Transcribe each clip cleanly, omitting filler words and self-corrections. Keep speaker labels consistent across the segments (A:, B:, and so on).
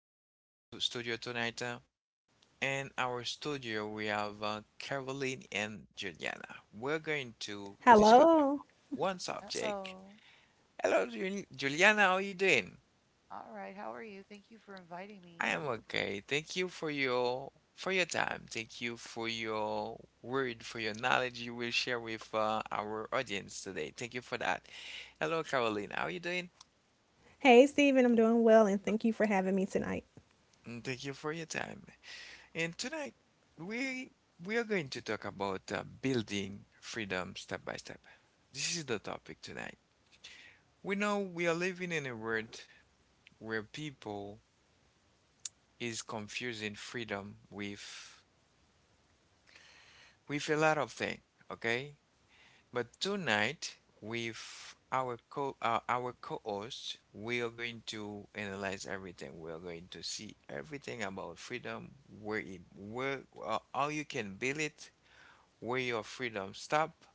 A: back to our to studio tonight. In our studio, we have Caroline and Juliana. We're going to discuss
B: Hello.
A: one subject.
C: Hello.
A: Hello, Juliana. How are you doing?
C: All right. How are you? Thank you for inviting
A: I
C: me.
A: am okay. Thank you for your time. Thank you for your word, for your knowledge you will share with our audience today. Thank you for that. Hello, Caroline. How are you doing?
B: Hey, Stephen. I'm doing well, and thank you for having me tonight.
A: Thank you for your time. And tonight we we are going to talk about building freedom step by step. This is the topic tonight. We know we are living in a world where people is confusing freedom with a lot of things, okay? But tonight with our co our co-host, we are going to analyze everything. We are going to see everything about freedom, where it where how you can build it, where your freedom stop,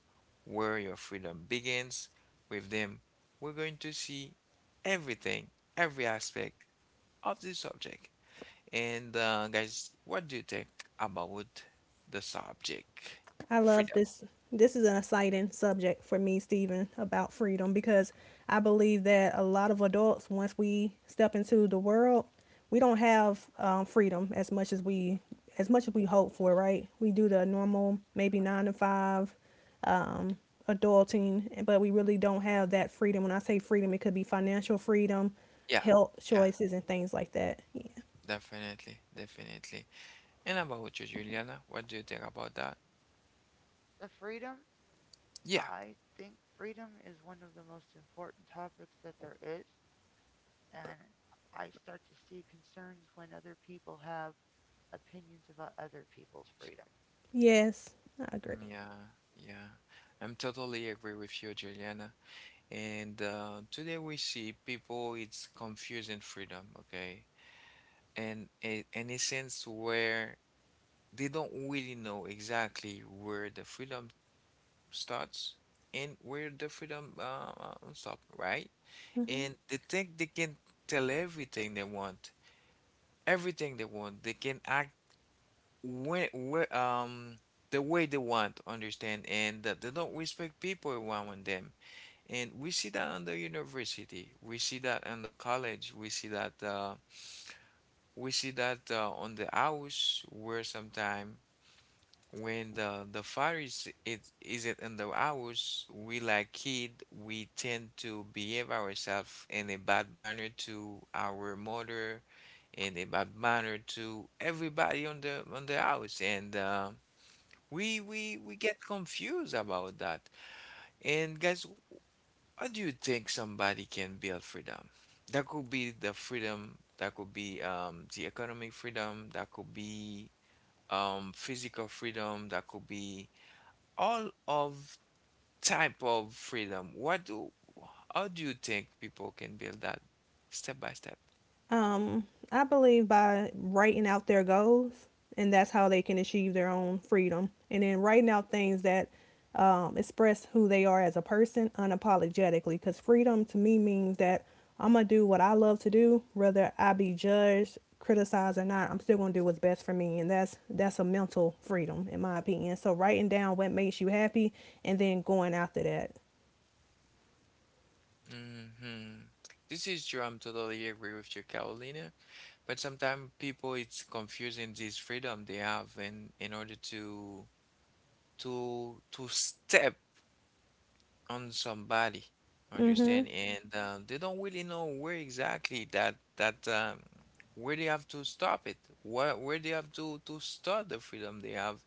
A: where your freedom begins. With them, we're going to see everything, every aspect of the subject. And guys, what do you think about the subject?
B: I love
A: Freedom.
B: this. This is an exciting subject for me, Stephen, about freedom because I believe that a lot of adults, once we step into the world, we don't have freedom as much as we as much as we hope for. Right? We do the normal, maybe nine to five, um, adulting, but we really don't have that freedom. When I say freedom, it could be financial freedom,
A: Yeah,
B: health
A: yeah,
B: choices, and things like that.
A: definitely, definitely. And about you, Juliana, what do you think about that?
C: The freedom,
A: Yeah,
C: I think freedom is one of the most important topics that there is. And I start to see concerns when other people have opinions about other people's freedom.
B: Yes, I agree.
A: yeah, yeah. I'm totally agree with you, Juliana. And today we see people, it's confusing freedom, okay? In a sense where they don't really know exactly where the freedom starts and where the freedom stop, right?
B: Hmm.
A: And they think they can tell everything they want, everything they want. They can act when, where, the way they want, understand, and that they don't respect people around them. And we see that on the university, we see that on the college, We see that on the house where sometime when the fire is it in the house, we like kid, we tend to behave ourselves in a bad manner to our mother, in a bad manner to everybody on the house, and we get confused about that. And guys, how do you think somebody can build freedom? That could be the freedom, that could be the economic freedom, that could be physical freedom, that could be all of type of freedom. How do you think people can build that step by step?
B: Um, I believe by writing out their goals, and that's how they can achieve their own freedom. And then writing out things that express who they are as a person unapologetically. Because freedom to me means that I'm going to do what I love to do, whether I be judged, criticized, or not. I'm still going to do what's best for me. And that's a mental freedom, in my opinion. So writing down what makes you happy and then going after that.
A: Hmm This is true. I'm totally agree with you, Carolina. But sometimes people it's confusing this freedom they have in order to step on somebody,
B: Mm hmm.
A: understand? And they don't really know where exactly that that where they have to stop it, where they have to start the freedom they have,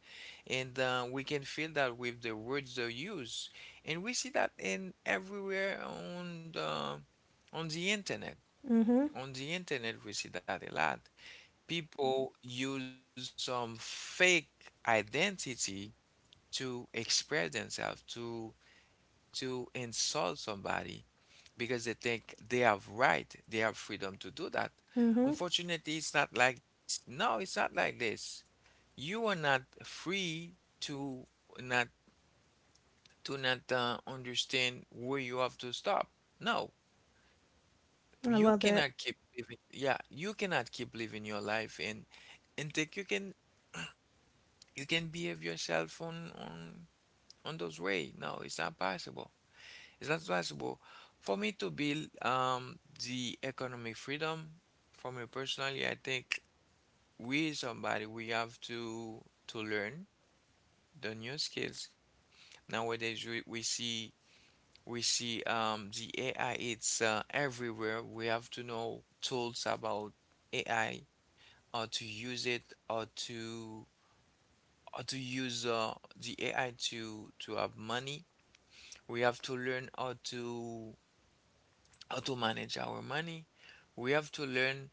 A: and we can feel that with the words they use, and we see that in everywhere on the internet.
B: Mm hmm.
A: On the internet, we see that a lot. People use some fake identity to express themselves, to insult somebody because they think they have right, they have freedom to do that.
B: Mm hmm.
A: Unfortunately, it's not like no, it's not like this. You are not free to not not understand where you have to stop. No,
B: I
A: you
B: love that.
A: cannot keep living. Yeah, you cannot keep living your life and think you can behave yourself on those way. No, it's not possible. It's not possible for me to build the economic freedom for me personally. I think we somebody we have to learn the new skills. Nowadays we see the AI it's everywhere. We have to know tools about AI, how to use it, how to how to use the AI to have money. We have to learn how to manage our money, we have to learn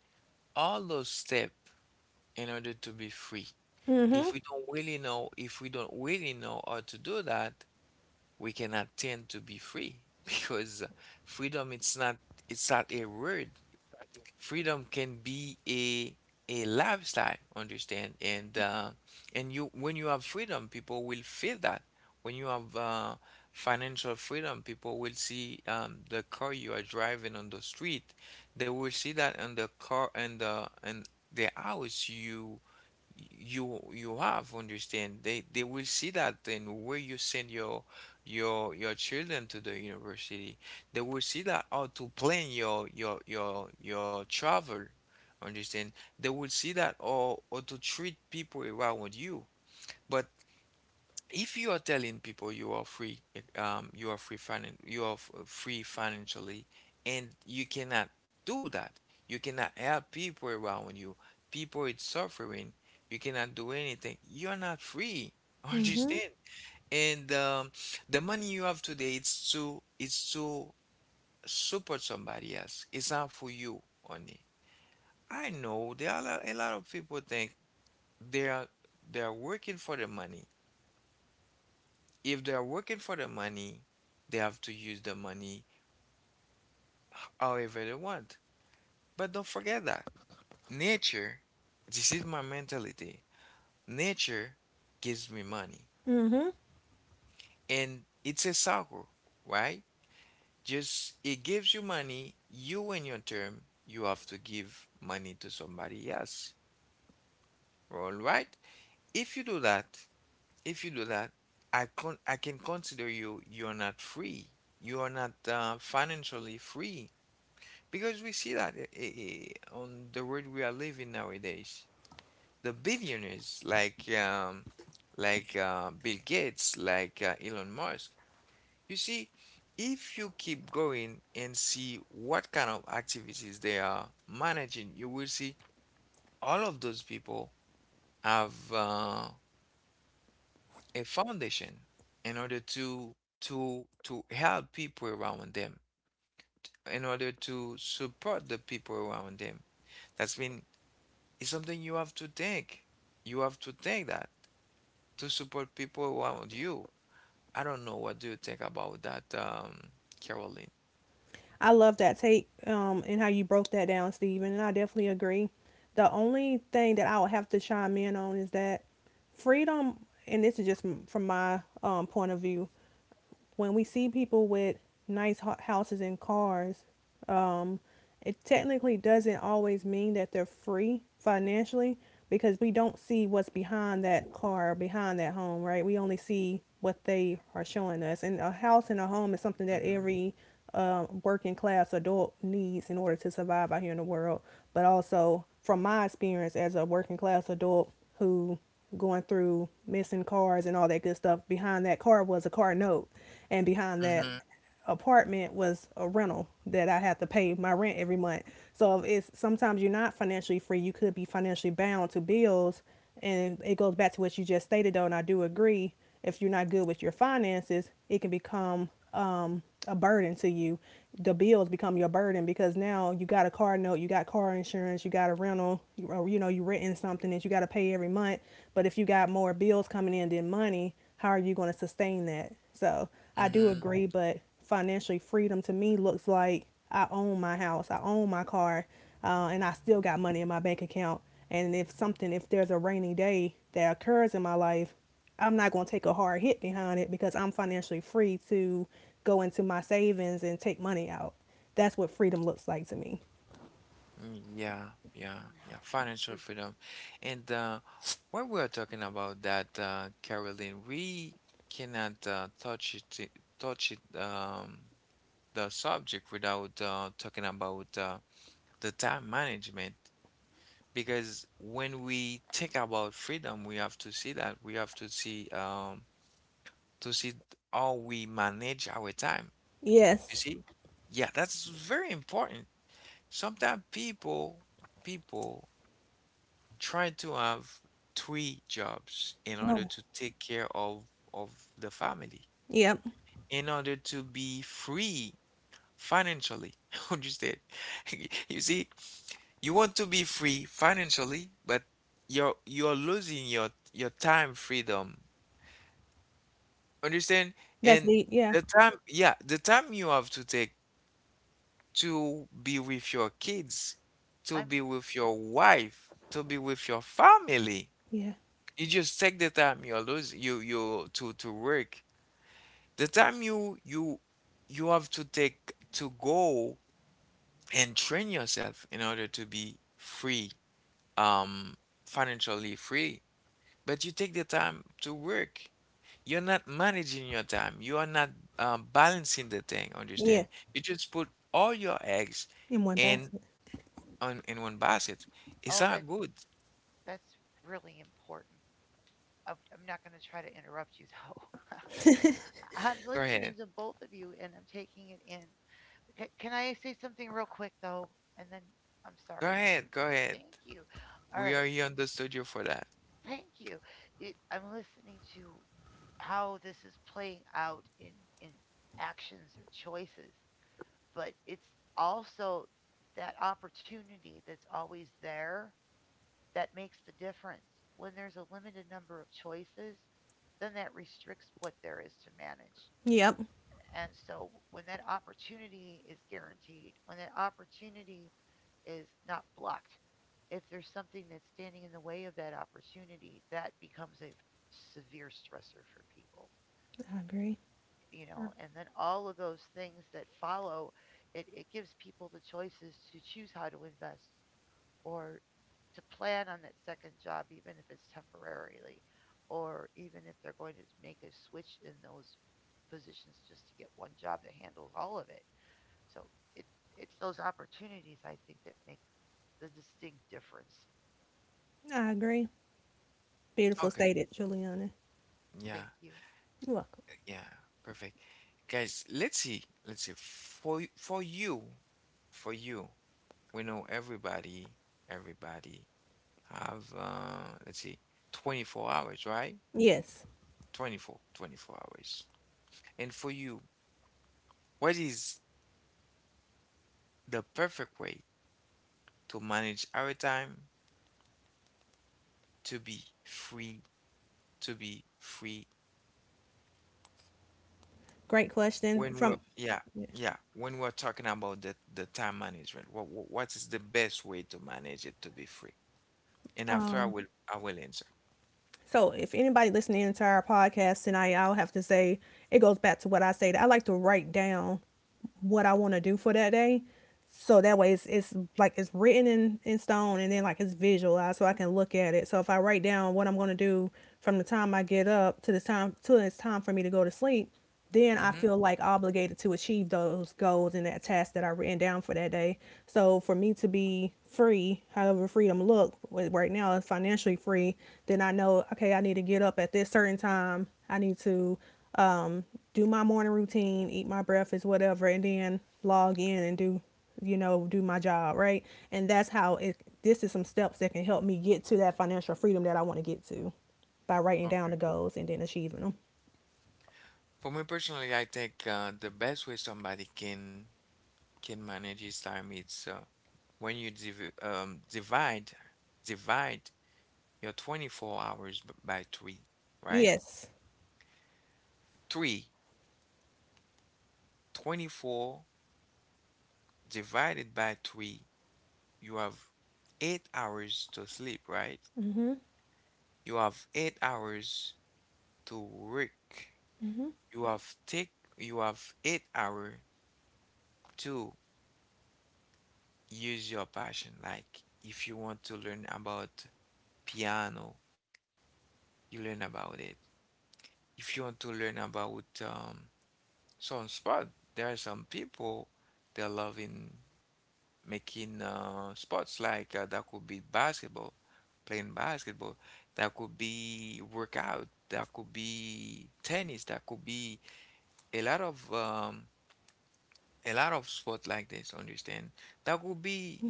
A: all those steps in order to be free.
B: Mm-hmm.
A: If we don't really know, if we don't really know how to do that, we cannot tend to be free because freedom, it's not a word, freedom can be a lifestyle, understand? And you when you have freedom, people will feel that. When you have financial freedom, people will see the car you are driving on the street. They will see that on the car and the house you have, understand, they will see that, then where you send your children to the university, they will see that, how to plan your travel. Understand? They will see that, or to treat people around you. But if you are telling people you are free, you are free finan you are free financially, and you cannot do that, you cannot help people around you. People is suffering. You cannot do anything. You're not free.
B: Mm-hmm.
A: Understand? And the money you have today, it's too support somebody else. It's not for you only. I know there are a lot of people think they are they are working for the money. If they are working for the money, they have to use the money however they want. But don't forget that nature, this is my mentality. Nature gives me money,
B: Mm-hmm.
A: and it's a cycle, right? Just it gives you money. You, in your term, you have to give money to somebody else. All right. If you do that, if you do that, I can consider you you're not free. You are not financially free because we see that on the world we are living nowadays. The billionaires like Bill Gates, like Elon Musk. You see, if you keep going and see what kind of activities they are managing, you will see all of those people have a foundation in order to help people around them, in order to support the people around them. That's mean it's something you have to think. You have to think that to support people around you. I don't know what do you think about that, Caroline?
B: I love that take and how you broke that down, Stephen, and I definitely agree. The only thing that I would have to chime in on is that freedom, and this is just from my point of view, when we see people with nice houses and cars, it technically doesn't always mean that they're free financially because we don't see what's behind that car or behind that home, right? We only see what they are showing us. And a house and a home is something that
A: Hmm
B: every working class adult needs in order to survive out here in the world. But also, from my experience as a working class adult who going through missing cars and all that good stuff, behind that car was a car note, and behind that
A: hmm
B: apartment was a rental that I had to pay my rent every month. So it's sometimes you're not financially free. You could be financially bound to bills, and it goes back to what you just stated though, and I do agree. If you're not good with your finances, it can become a burden to you. The bills become your burden because now you got a car note, you got car insurance, you got a rental, you, or, you know, you renting something that you got to pay every month. But if you got more bills coming in than money, how are you going to sustain that? So I do
A: hmm
B: agree, but financially freedom to me looks like I own my house, I own my car, and I still got money in my bank account. And if something, if there's a rainy day that occurs in my life, I'm not going to take a hard hit behind it because I'm financially free to go into my savings and take money out. That's what freedom looks like to me.
A: Yeah, yeah,
C: Mm.
A: yeah. Financial
C: Free-
A: freedom. And when we are talking about that, Caroline, we cannot touch it, the subject without talking about the time management. Because when we think about freedom, we have to see that. We have to see, to see how we manage our time. You
B: Yes.
A: see? Yeah, that's very important. Sometimes people try to have 3 jobs in order
B: Oh,
A: to take care of of the family,
B: yep.
A: in order to be free financially. Understand? You see, you want to be free financially, but you're losing your time freedom. Understand?
B: That's
A: And
B: deep. Yeah.
A: the time, yeah, the time you have to take to be with your kids, to
C: I'm,
A: be with your wife, to be with your family.
B: Yeah.
A: You just take the time you are losing you you to work. The time you have to take to go and train yourself in order to be free, um, financially free. But you take the time to work. You're not managing your time. You are not balancing the thing,
B: Yeah.
A: understand? You just put all your eggs
B: In one
A: in
B: basket.
A: in one basket. It's
C: oh,
A: not
C: that's,
A: good.
C: that's really important. I'm not going to try to interrupt you though. Am
A: Go
C: listening
A: ahead.
C: to both of you and I'm taking it in. Can I say something real quick though? And then I'm
A: Go
C: sorry.
A: ahead.
C: Steve.
A: Go ahead.
C: Thank you. All
A: We
C: right.
A: are here on the studio for that.
C: Thank you. I'm listening to how this is playing out in actions or choices, but it's also that opportunity that's always there that makes the difference. When there's a limited number of choices, then that restricts what there is to manage.
B: Yep.
C: And so when that opportunity is guaranteed, when that opportunity is not blocked, if there's something that's standing in the way of that opportunity, that becomes a severe stressor for people,
B: I agree. I
C: and then all of those things that follow, it gives people the choices to choose how to invest or to plan on that second job, even if it's temporarily, or even if they're going to make a switch in those positions just to get one job that handles all of it. So it it's those opportunities I think that make the distinct difference.
B: I agree. Beautiful
A: Okay.
B: stated, Juliana.
A: Yeah,
C: Thank you.
B: You're welcome.
A: yeah, perfect. Guys, let's see. Let's see. For you, for you, we know everybody, everybody have let's see, 24 hours, right?
B: Yes.
A: 24, 24 hours. And for you, what is the perfect way to manage our time to be free, to be free
B: Great question.
A: when we're
B: From
A: yeah, yeah, when we're talking about the time management, what is the best way to manage it to be free? And after
B: um
A: I will answer.
B: So if anybody listening to our podcast tonight, I'll have to say it goes back to what I say. I like to write down what I want to do for that day so that way it's like it's written in stone and then like it's visualized so I can look at it. So if I write down what I'm gonna do from the time I get up to the time till it's time for me to go to sleep, then
A: Okay.
B: I
A: Mm-hmm.
B: feel like obligated to achieve those goals and that task that I written down for that day. So for me to be free, however freedom look right now is financially free, then I know okay I need to get up at this certain time. I need to um do my morning routine, eat my breakfast, whatever, and then log in and do you know, do my job, right? And this is some steps that can help me get to that financial freedom that I want to get to by writing down
A: Okay.
B: the goals and then achieving them.
A: For me personally, I think the best way somebody can manage his time is when you um, divide divide your 24 hours by three, right?
B: Yes.
A: Three twenty four divided by three, you have 8 hours to sleep, right?
B: Mhm.
A: You have 8 hours to work. You have take you have 8 hour to use your passion. Like if you want to learn about piano, you learn about it. If you want to learn about some sport, there are some people they love in making sports like that could be basketball, playing basketball, that could be workout, that could be tennis, that could be a lot of um a lot of sport like this, understand? That could
B: Mhm.
A: be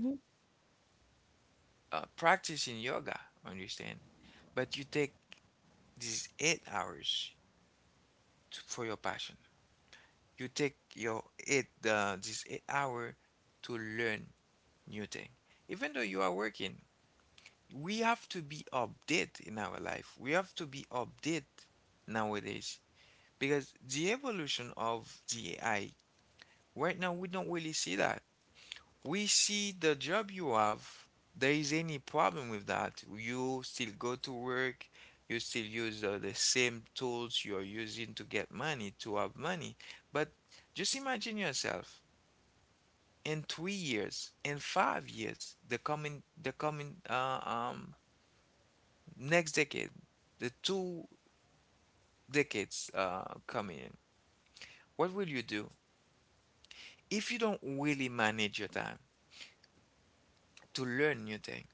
A: practicing yoga, understand? But you take these 8 hours to, for your passion. You take your 8 hour to learn new thing. Even though you are working, we have to be update in our life. We have to be update nowadays because the evolution of the AI right now we don't really see that. We see the job you have. There is any problem with that. You still go to work, you still use the same tools you're using to get money, to have money. But just imagine yourself in 3 years, in 5 years, the coming next decade, the two decades coming in. What will you do? If you don't really manage your time to learn new things,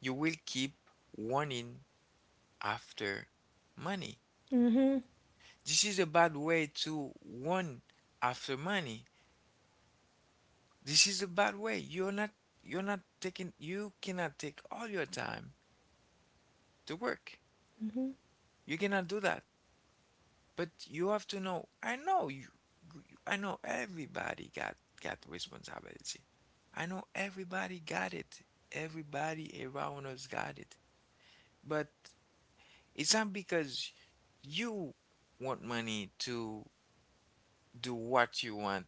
A: you will keep wanting after money.
B: Mhm.
A: This is a bad way to run after money. This is a bad way. You're not taking You cannot take all your time to work.
B: Mhm.
A: You cannot do that. But you have to know, I know everybody got responsibility. I know everybody got it. Everybody around us got it. But it's not because you want money to do what you want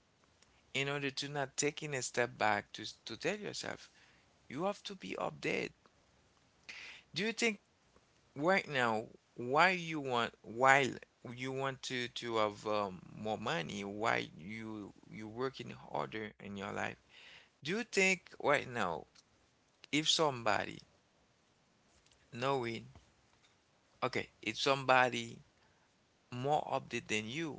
A: in order to not taking a step back to tell yourself you have to be updated. Do you think right now why you want while you want to have more money, why you working harder in your life? Do you think right now if somebody knowing, okay, if somebody more updated than you,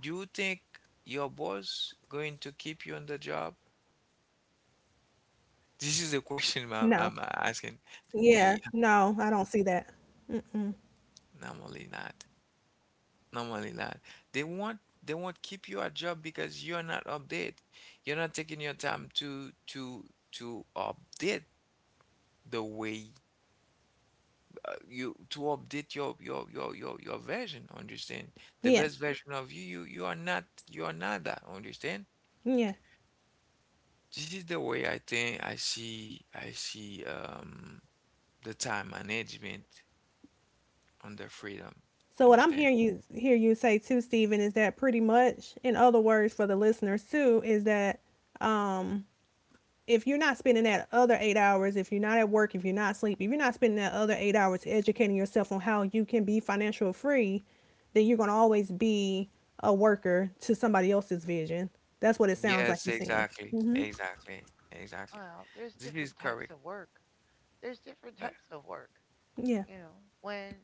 A: do you think your boss going to keep you on the job? This is the question
B: No.
A: I'm asking.
B: Yeah.
A: Yeah,
B: No, I don't see that.
A: normally not. Normally not. They won't keep you at job because you're not update. You're not taking your time to update the way you to update your version, understand? The
B: Yeah.
A: best version of you, you are not, you are not that, understand?
B: Yeah.
A: This is the way I think I see the time management under freedom.
B: So what I'm
A: Understand?
B: hearing you say too, Stephen, is that pretty much, in other words, for the listeners too, is that if you're not spending that other 8 hours, if you're not at work, if you're not asleep, if you're not spending that other 8 hours educating yourself on how you can be financial free, then you're gonna always be a worker to somebody else's vision. That's what it sounds like
A: Yes,
B: you're saying.
A: exactly. Exactly. Exactly.
C: Well, there's
A: This is
C: different
A: correct.
C: types of work. There's different
A: uh,
C: types of work.
B: Yeah,
C: You know, when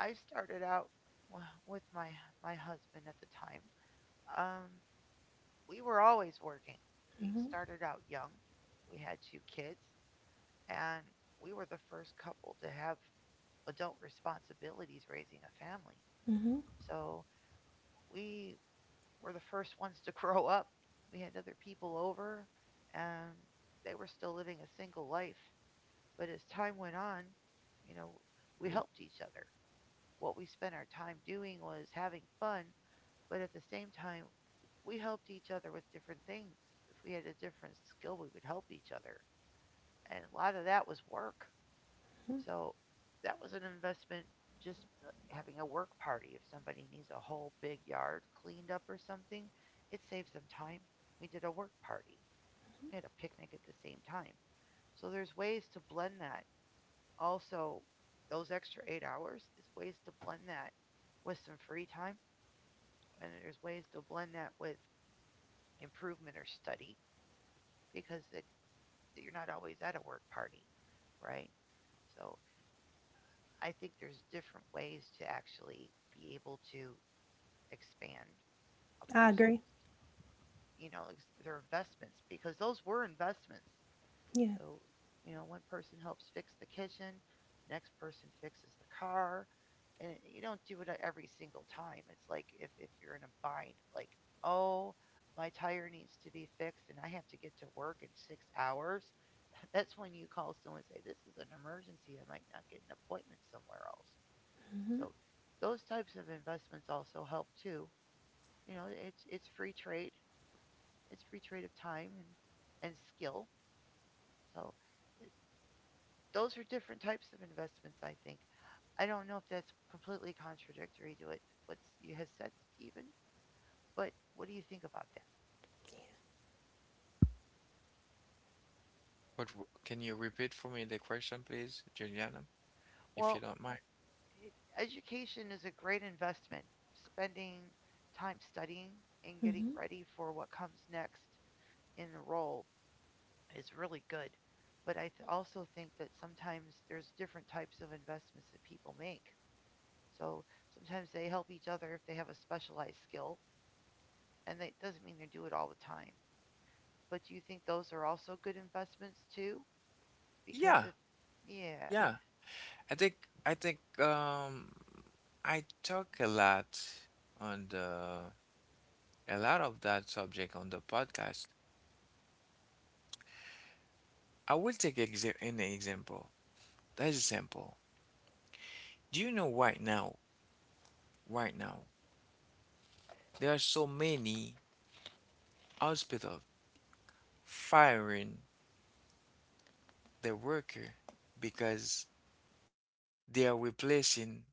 C: I started out with my husband at the time, um, we were always working. We started out young. We had two kids, and we were the first couple to have adult responsibilities raising a family. So we were the first ones to grow up. We had other people over, and they were still living a single life. But as time went on, you know, we helped each other. What we spent our time doing was having fun, but at the same time, we helped each other with different things. If we had a different skill, we would help each other. And a lot of that was work. So that was an investment just having a work party. If somebody needs a whole big yard cleaned up or something, it saves them time. We did a work party, we had a picnic at the same time. So there's ways to blend that. Also, those extra 8 hours is ways to blend that with some free time. And there's ways to blend that with improvement or study because you're not always at a work party, right? So I think there's different ways to actually be able to expand a
B: I agree.
C: person's, their investments because those were investments.
B: Yeah.
C: So, one person helps fix the kitchen, next person fixes the car, and you don't do it every single time. It's like if you're in a bind, like, oh, my tire needs to be fixed and I have to get to work in 6 hours. That's when you call someone and say, "This is an emergency. I might not get an appointment somewhere else." So those types of investments also help too. It's free trade. It's free trade of time and skill. So th- those are different types of investments, I think. I don't know if that's completely contradictory to what you have said, Stephen. But what do you think about that?
A: But can you repeat for me the question, please, Juliana, if you
C: Well,
A: don't mind?
C: education is a great investment. Spending time studying and getting
B: Mm-hmm.
C: ready for what comes next in the role is really good. But I also think that sometimes there's different types of investments that people make. So sometimes they help each other if they have a specialized skill, and that doesn't mean they do it all the time. But do you think those are also good investments too? Because
A: Yeah,
C: if, yeah,
A: yeah. I think I think I talk a lot on the a lot of that subject on the podcast. I will take exa an example. That is simple. Do you know right now, right now, there are so many hospitals firing the worker because they are replacing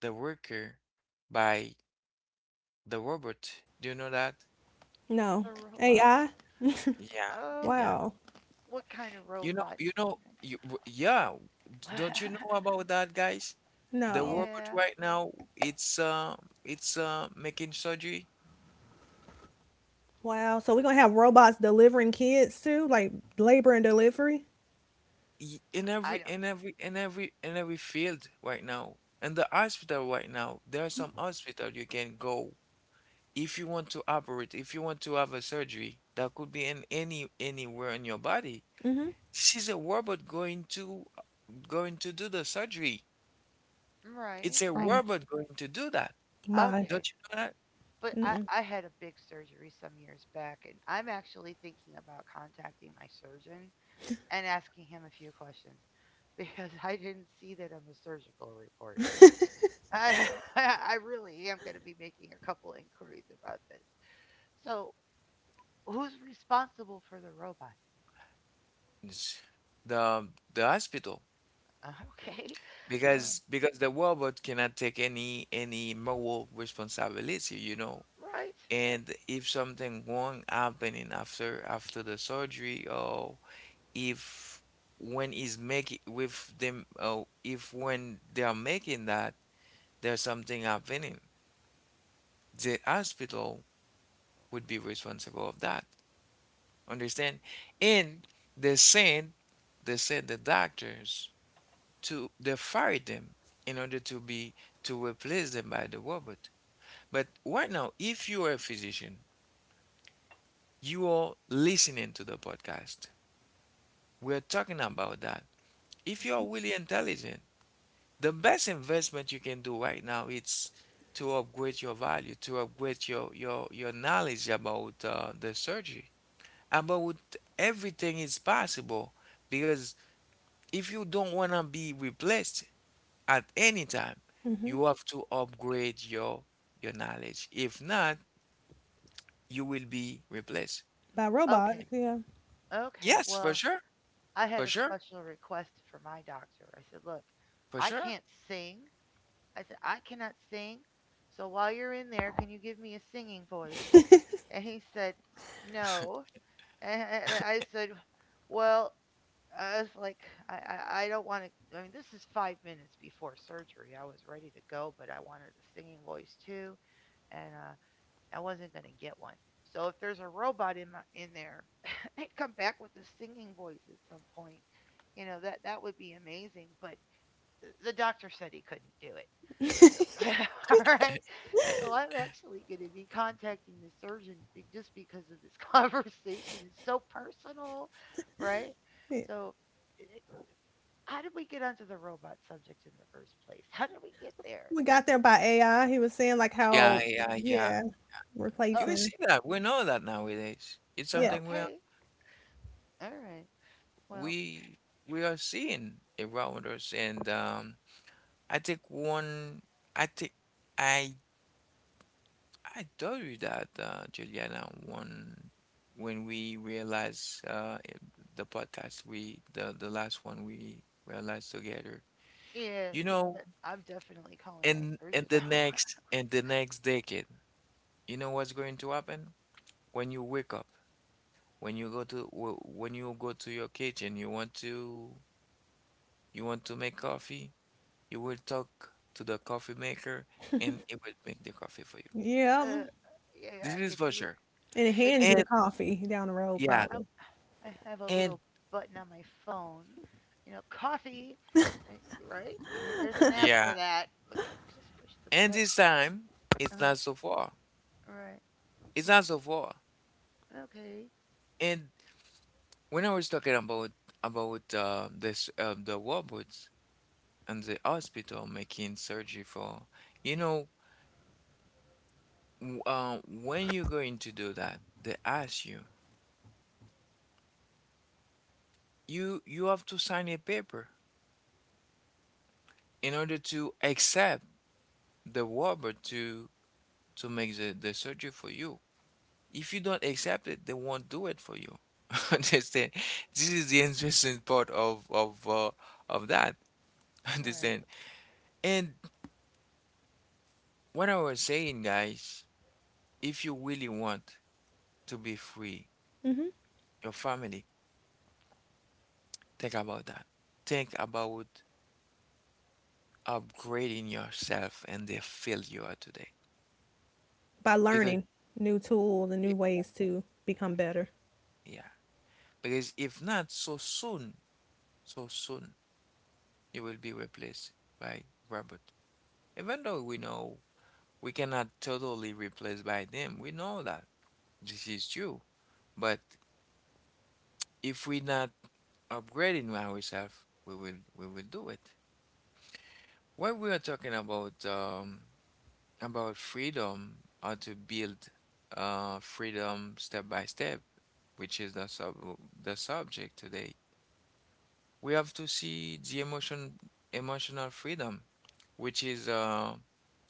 A: the worker by the robot, do you know that?
B: No.
C: the robots.
B: AI?
A: Yeah,
C: Oh,
A: yeah.
B: Wow.
C: what kind of robots,
A: You know,
C: Steven?
A: yeah. Don't you know about that, guys? The
B: No.
A: robot
C: Yeah,
A: right now, it's making surgery
B: Wow. So we're gonna have robots delivering kids too, like labor and delivery.
A: in every
C: I don't.
A: in every in every in every field right now. In the hospital right now, there are some hospital you can go if you want to operate, if you want to have a surgery that could be in any anywhere in your body. This is a robot going to going to do the surgery. It's
C: Right.
A: a
C: I
B: Um,
A: robot going to do that.
B: my
A: Don't
C: okay.
A: you know that?
C: But I had a big surgery some years back, and I'm actually thinking about contacting my surgeon and asking him a few questions because I didn't see that on the surgical report. I, I really am going to be making a couple inquiries about this. So, who's responsible for the robot?
A: It's the hospital.
C: Uh, Okay. Um,
A: Because the robot cannot take any moral responsibility, you know.
C: right.
A: And if something wrong happening after after the surgery, or if when is making with them, or if when they are making that there's something happening, the hospital would be responsible of that. Understand? And they sent they sent the doctors to, they fired them in order to be to replace them by the robot. But right now, if you are a physician, you are listening to the podcast. We're talking about that. If you are really intelligent, the best investment you can do right now is to upgrade your value, to upgrade your your knowledge about the surgery, about everything is possible because if you don't want to be replaced at any time,
B: Mhm.
A: you have to upgrade your knowledge. If not, you will be replaced.
B: By robots.
C: Okay.
B: Yeah.
C: Okay.
A: Yes, for
C: Well,
A: sure,
C: I had
A: for
C: a
A: sure,
C: special request for my doctor. I said, "Look,
A: for
C: I
A: sure.
C: can't sing." I said, "I cannot sing. So while you're in there, can you give me a singing voice?" And he said, "No." And I said, "Well," I was like, I, I, I don't want to. I mean, this is 5 minutes before surgery. I was ready to go, but I wanted a singing voice too. And I wasn't going to get one. So if there's a robot in, in there, I'd come back with a singing voice at some point. That would be amazing. But the doctor said he couldn't do it. So, all right. So I'm actually going to be contacting the surgeon just because of this conversation. It's so personal, right?
B: Yeah.
C: So, it, it- how did we get onto the robot subject in the first place? How did we get there?
B: We got there by AI. He was saying like
A: Yeah,
B: how,
A: yeah, yeah.
B: yeah,
A: You
C: Oh,
A: will
B: replacing,
A: see that. We know that nowadays. It's
B: yeah,
A: something
C: okay. All right. Well,
A: we we are seeing around us, and I think one. I think I I told you that, Juliana, one when we realized the podcast we the last one we realized together.
C: yes,
A: You
C: but
A: know,
C: I'm definitely calling my surgeon now.
A: and the next decade, you know what's going to happen? When you wake up, when you go to when you go to your kitchen, you want to make coffee, you will talk to the coffee maker and it will make the coffee for you.
B: yeah, mm.
C: uh, yeah,
A: This
C: I could
A: is for
C: do it.
A: sure.
B: And it
C: it
B: hands you
A: And
B: the coffee down the road
A: yeah,
C: I,
B: probably
C: I have a
A: and
C: little button on my phone, coffee. Y- Right? There's an app for
A: yeah.
C: that. Look at it. Just push the
A: And
C: button.
A: this time, it's
C: Uh,
A: not so far.
C: right.
A: It's not so far.
C: Okay.
A: And when I was talking about this the robots and the hospital making surgery for, you know, when you're going to do that, they ask you, you you have to sign a paper in order to accept the robot to make the surgery for you. If you don't accept it, they won't do it for you. Understand? This is the interesting part of of that.
C: Right.
A: Understand? And what I was saying, guys, if you really want to be free, your family, think about that. Think about upgrading yourself and the field you are today.
B: by
A: Because
B: learning new tools and new ways
A: exactly.
B: to become better.
A: Yeah, because if not, so soon you will be replaced by robot. Even though we know we cannot totally replace by them. We know that this is true, but if we're not upgrading ourselves, we will do it. When we are talking about freedom, how to build freedom step by step, which is the subject today, we have to see the emotion emotional freedom, which is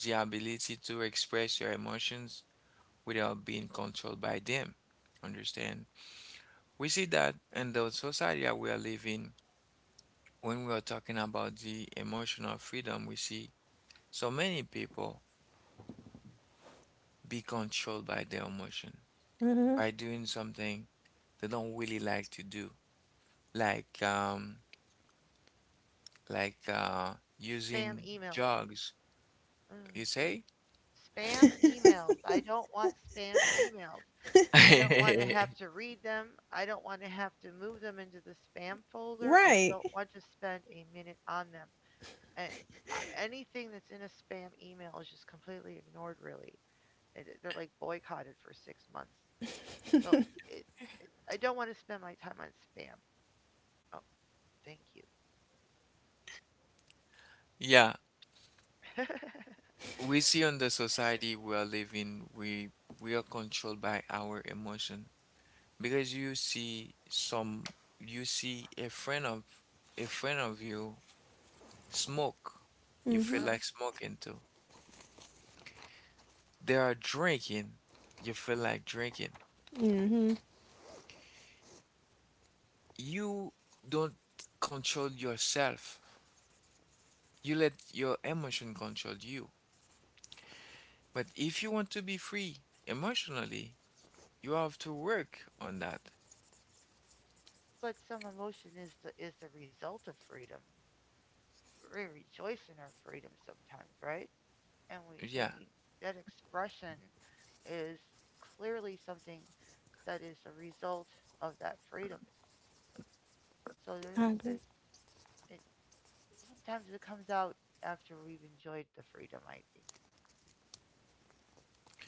A: the ability to express your emotions without being controlled by them. Understand? We see that in the society that we are living, when we are talking about the emotional freedom, we see so many people be controlled by their emotion, by doing something they don't really like to do, like like uh,
C: Spam
A: using
C: emails.
A: drugs.
C: Mm.
A: You say?
C: Spam emails. I don't want spam emails. I don't want to have to read them. I don't want to have to move them into the spam folder. I
B: Right.
C: don't want to spend a minute on them. And anything that's in a spam email is just completely ignored, really. And they're like boycotted for 6 months. So it, it I don't want to spend my time on spam. Oh, thank you.
A: Yeah,
C: Uh-huh.
A: we see on the society we are living, we are controlled by our emotion, because you see some, you see a friend of you smoke, you feel like smoking too. They are drinking, you feel like drinking. You don't control yourself, you let your emotion control you. But if you want to be free emotionally, you have to work on that.
C: But some emotion is the result of freedom. We rejoice in our freedom sometimes, right? And
A: Yeah.
C: we that expression is clearly something that is a result of that freedom. So there's
B: I agree.
C: it sometimes it comes out after we've enjoyed the freedom, I think.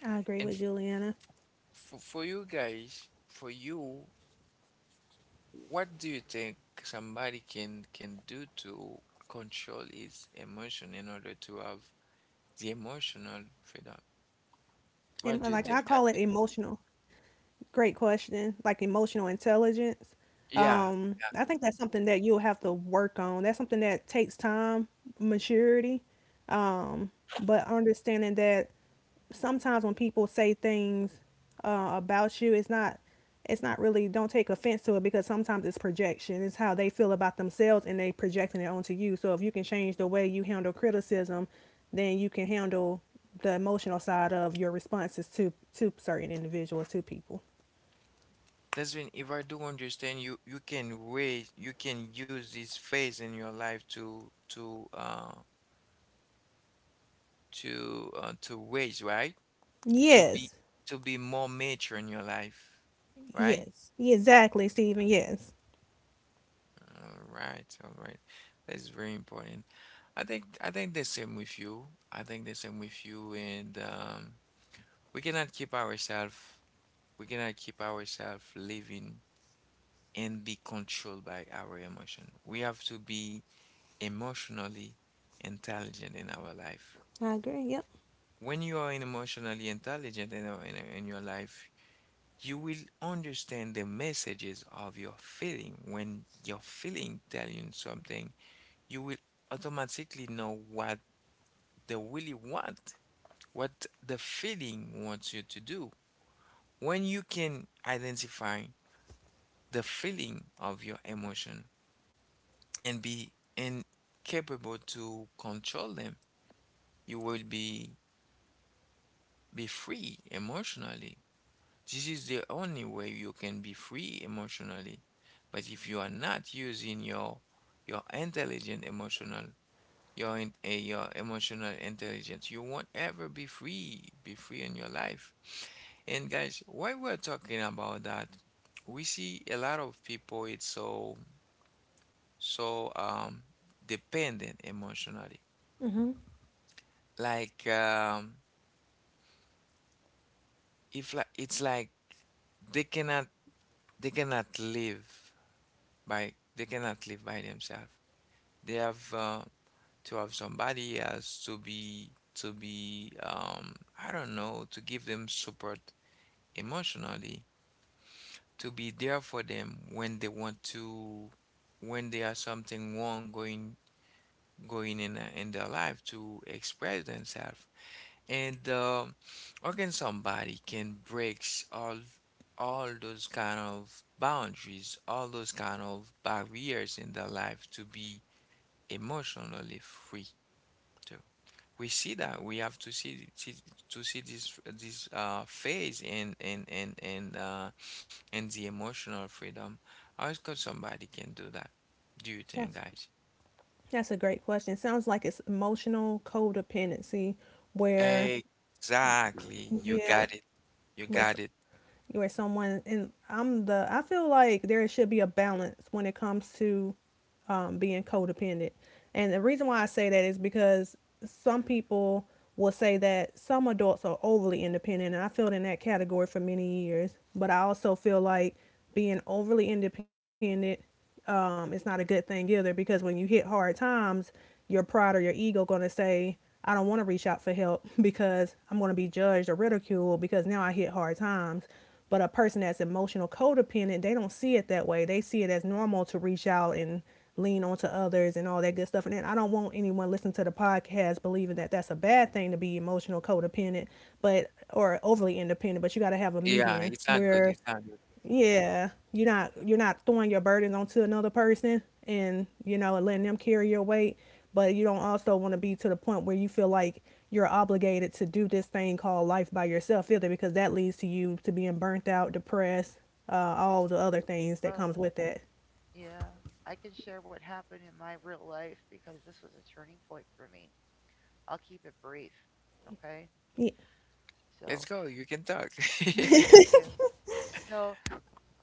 B: I agree
A: and
B: with
A: f-
B: Juliana.
A: for you guys, for you, what do you think somebody can do to control his emotion in order to have the emotional freedom?
B: And
A: What do you
B: like
C: Oh,
A: think
B: I
A: that?
B: call it emotional. Great question. Like emotional intelligence.
A: Yeah, yeah.
B: I think that's something that you'll have to work on. That's something that takes time, maturity. Um, but understanding that sometimes when people say things about you, it's not really don't take offense to it because sometimes it's projection. It's how they feel about themselves and they projecting it onto you. So if you can change the way you handle criticism, then you can handle the emotional side of your responses to certain individuals, to people.
A: That's when if I do understand you, you can raise, you can use this phase in your life to to raise, right? To be
B: Yes.
A: to be more mature in your life, right?
B: Yes. Exactly, Stephen. Yes.
A: All right, all right. That's very important. I think the same with you. I think the same with you, and we cannot keep ourselves we cannot keep ourselves living and be controlled by our emotion. We have to be emotionally intelligent in our life.
B: I agree. Yep.
A: When you are emotionally intelligent in your life, you will understand the messages of your feeling when your feeling telling something, you will automatically know what they really want, what the feeling wants you to do. When you can identify the feeling of your emotion and be and capable to control them, you will be free emotionally. This is the only way you can be free emotionally. But if you are not using your intelligent emotional your in, eh, your emotional intelligence. You won't ever be free in your life. And guys, while we're talking about that, we see a lot of people it's so dependent emotionally. Like if like it's like they cannot they cannot live they cannot live by themselves. They have to have somebody else to be I don't know, to give them support emotionally, to be there for them when they want to when there are something wrong going in a, in their life to express themselves. And how can somebody can breaks all those kind of boundaries, all those kind of barriers in their life to be emotionally free too? We see that we have to see, see to see this phase in and the emotional freedom. How is could somebody can do that? Do you think,
B: Yes.
A: guys?
B: That's a great question. It sounds like it's emotional codependency where
A: Exactly. You
B: yeah,
A: got it. You
B: where s-
A: got it.
B: where someone and I'm the I feel like there should be a balance when it comes to being codependent. And the reason why I say that is because some people will say that some adults are overly independent, and I feel in that category for many years. But I also feel like being overly independent it's not a good thing either because when you hit hard times, your pride or your ego going to say, I don't want to reach out for help because I'm going to be judged or ridiculed because now I hit hard times. But a person that's emotional codependent, they don't see it that way. They see it as normal to reach out and lean onto others and all that good stuff. And then I don't want anyone listening to the podcast believing that that's a bad thing to be emotional codependent, but or overly independent. But you got to have a
A: Yeah,
B: median
A: it's not good.
B: where
A: It's not good.
B: yeah, you're not throwing your burdens onto another person and you know letting them carry your weight, but you don't also want to be to the point where you feel like you're obligated to do this thing called life by yourself either because that leads to you to being burnt out, depressed, all the other things that comes
C: oh,
B: with that.
C: yeah, I can share what happened in my real life because this was a turning point for me. I'll keep it brief. Okay.
B: Yeah.
A: Let's
C: So,
A: go. You can talk.
C: thank you. So,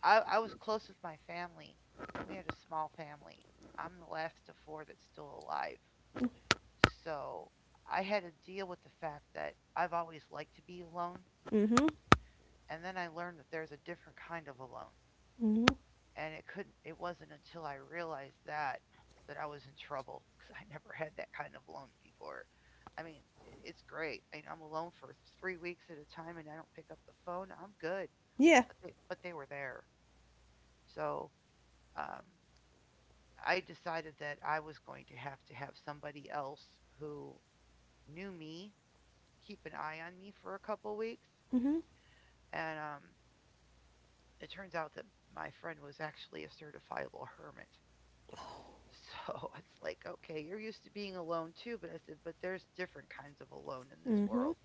C: I was close with my family, and we had a small family. I'm the last of four that's still alive. So, I had to deal with the fact that I've always liked to be alone.
B: Mhm.
C: And then I learned that there's a different kind of alone.
B: Mhm.
C: And it wasn't until I realized that I was in trouble, because I never had that kind of loan before. I mean it's great. I'm alone for 3 weeks at a time and I don't pick up the phone. I'm good.
B: Yeah.
C: But they were there. So um, I decided that I was going to have somebody else who knew me keep an eye on me for a couple weeks, and it turns out that my friend was actually a certifiable hermit. So it's like, okay, you're used to being alone too. But I said, but there's different kinds of alone in this
B: Mhm.
C: world.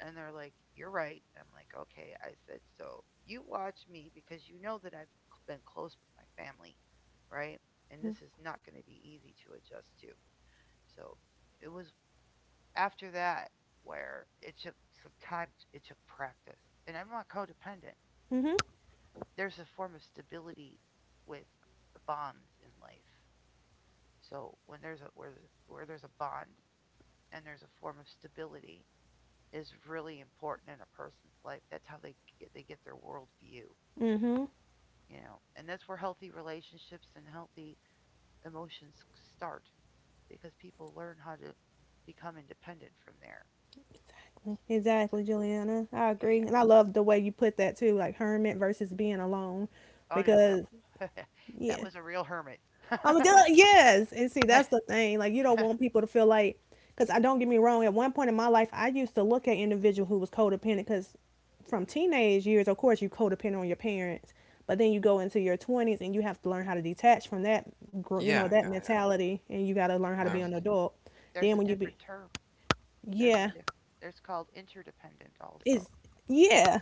C: And they're like, "You're right." I'm like, "Okay." I said, "So you watch me, because you know that I've been close with my family, right? And this is not going to be easy to adjust to." So it was after that where it took some time, it took practice. And I'm not codependent.
B: Mhm.
C: There's a form of stability with bonds in life. So when there's a where there's a bond and there's a form of stability is really important in a person's life. That's how they get their world view. And that's where healthy relationships and healthy emotions start, because people learn how to become independent from there. So,
B: Exactly, Juliana. I agree,
C: yeah.
B: and I love the way you put that too, like hermit versus being alone,
C: Oh no,
B: because
C: that
B: yeah,
C: that was a real hermit.
B: I'm doing yes, and see that's the thing. Like you don't want people to feel like, because I don't get me wrong. At one point in my life, I used to look at individual who was codependent. Because from teenage years, of course, you codependent on your parents, but then you go into your twenties and you have to learn how to detach from that, you
A: Yeah,
B: know, that mentality, and you got to learn how to be
A: yeah.
C: there's
B: an adult.
C: there's
B: Then
C: a
B: when you be,
C: different term. There's a
B: yeah,
C: diff- there's called interdependent also,
B: is yeah.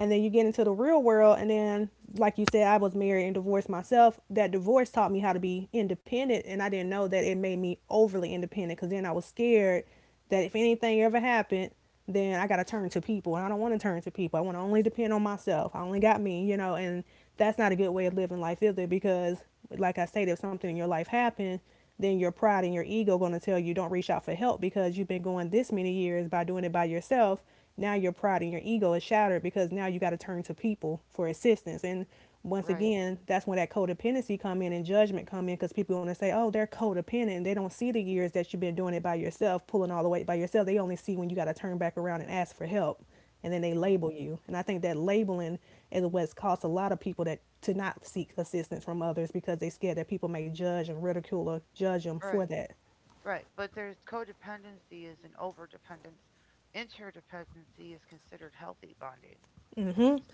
B: And then you get into the real world, and then, like you said, I was married and divorced myself. That divorce taught me how to be independent, and I didn't know that it made me overly independent because then I was scared that if anything ever happened, then I got to turn to people, and I don't want to turn to people. I want to only depend on myself. I only got me, you know, and that's not a good way of living life either because, like I stated, if something in your life happened, then your pride and your ego going to tell you don't reach out for help because you've been going this many years by doing it by yourself. Now your pride and your ego is shattered because now you got to turn to people for assistance. And once
C: right?
B: again, that's when that codependency come in and judgment come in because people want to say, oh, they're codependent. They don't see the years that you've been doing it by yourself, pulling all the weight by yourself. They only see when you got to turn back around and ask for help and then they
C: Well,
B: label you. And I think that labeling is what's caused a lot of people that to not seek assistance from others because they are scared that people may judge and ridicule or judge them
C: right.
B: for that.
C: Right, but there's codependency is an overdependence. Interdependency is considered healthy bonding.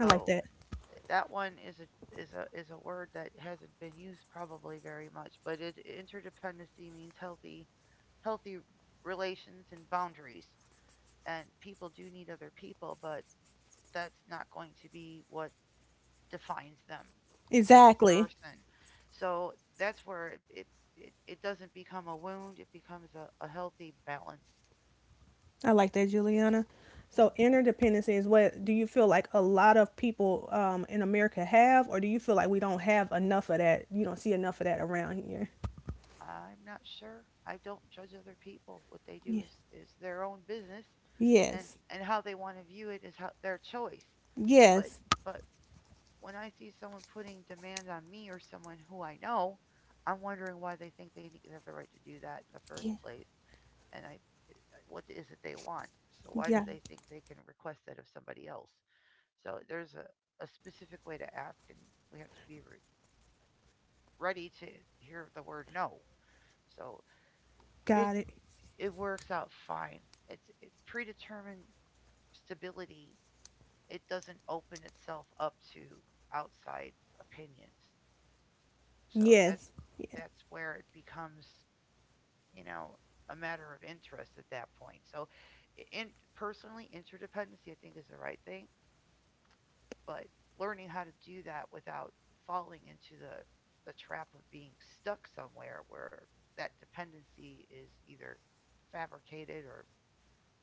B: I like that.
C: that one is a word that hasn't been used probably very much, but it interdependency means healthy relations and boundaries. And people do need other people, but that's not going to be what defines them as a
B: Exactly.
C: person. So that's where it doesn't become a wound, it becomes a healthy balance.
B: I like that, Juliana. So
C: Mm,
B: interdependency is what do you feel like a lot of people in America have, or do you feel like we don't have enough of that? You don't see enough of that around here.
C: I'm not sure. I don't judge other people. What they do
B: Yeah.
C: is their own business, and
B: Yes.
C: and how they want to view it is how, their choice. But
B: Yes.
C: but when I see someone putting demand on me or someone who I know, I'm wondering why they think they have the right to do that in the first
B: Yeah.
C: place. And I, what is it they want? So why do
B: Yeah.
C: they think they can request that of somebody else? So there's a specific way to ask, and we have to be ready to hear the word no. So
B: Got it.
C: it it works out fine. It's predetermined stability. It doesn't open itself up to outside opinions.
B: Yes.
C: So that
B: Yeah.
C: that's where it becomes, you know, a matter of interest at that point. So, in personally, interdependency I think is the right thing, but learning how to do that without falling into the trap of being stuck somewhere where that dependency is either fabricated or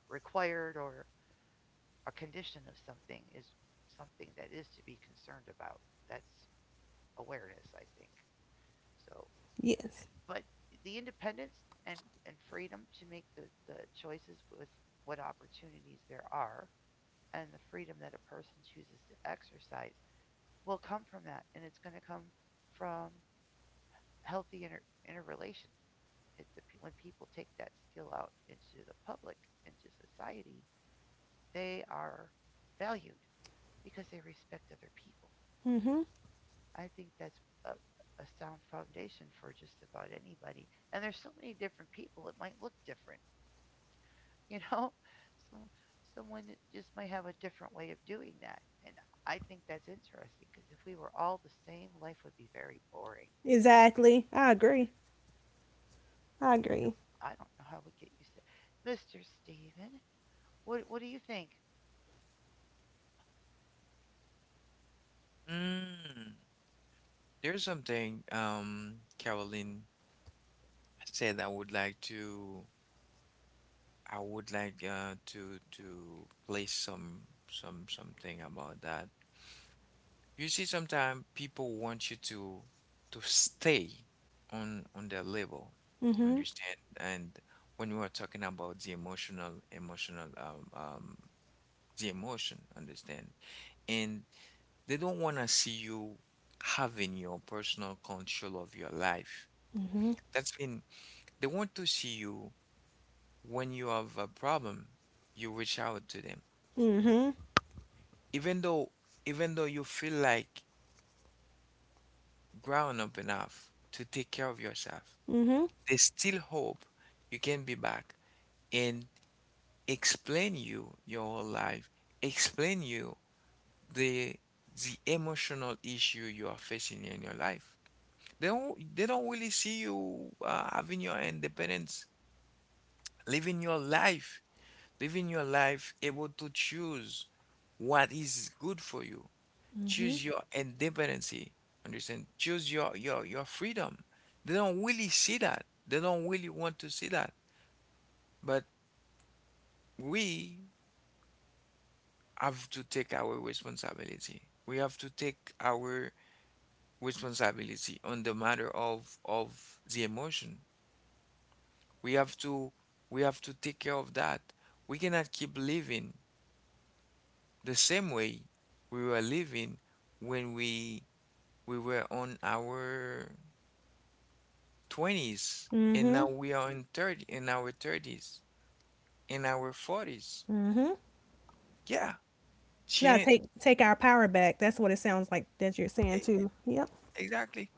C: required or a condition of something is something that is to be concerned about. That's awareness, I think. So,
B: Yes.
C: but the independence and, and freedom to make the choices with what opportunities there are and the freedom that a person chooses to exercise will come from that. And it's going to come from healthy inter, interrelation. It's the, when people take that skill out into the public, into society, they are valued because they respect other people.
B: Mm-hmm.
C: I think that's a sound foundation for just about anybody. And there's so many different people, it might look different, you know? Some, someone just might have a different way of doing that. And I think that's interesting because if we were all the same, life would be very boring.
B: Exactly. I agree. I agree.
C: I don't know how we get used to Mr. Steven, what do you think?
A: Yeah. Mm, there's something, Caroline said I would like to I would like to place some something about that. You see, sometimes people want you to stay on their level,
B: Mhm.
A: understand? And when we are talking about the emotion, understand? And they don't want to see you having your personal control of your life. That's mean they want to see you when you have a problem, you reach out to them,
B: Mhm.
A: even though even though you feel like grown up enough to take care of yourself.
B: Mhm.
A: There's still hope. You can be back and explain you your whole life, explain you the the emotional issue you are facing in your life. They don't really see you having your independence, living your life, living your life able to choose what is good for you. Choose your independency. Understand? Choose your your freedom. They don't really see that. They don't really want to see that. But we have to take our responsibility. We have to take our responsibility on the matter of the emotion. We have to we have to take care of that. We cannot keep living the same way we were living when we were on our 20s and now we are in 30 in our 30s in our 40s. Yeah,
B: Now
A: change
B: take our power back. That's what it sounds like that you're saying too. Yep.
A: exactly.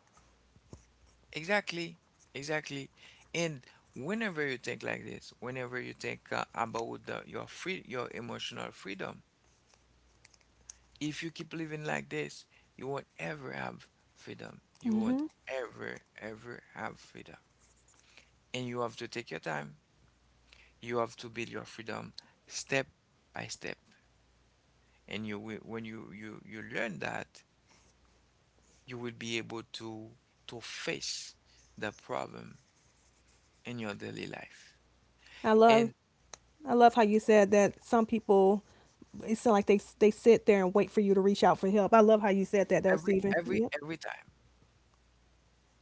A: Exactly, exactly. And whenever you think like this, whenever you think about your your emotional freedom, if you keep living like this, you won't ever have freedom. You won't ever, ever have freedom. And you have to take your time. You have to build your freedom step by step. And you will, when you you learn that, you will be able to face the problem in your daily life.
B: I love
A: And
B: I love how you said that some people it sounds like they sit there and wait for you to reach out for help. I love how you said that though,
A: every
B: Stephen.
A: every
B: Yep.
A: every time.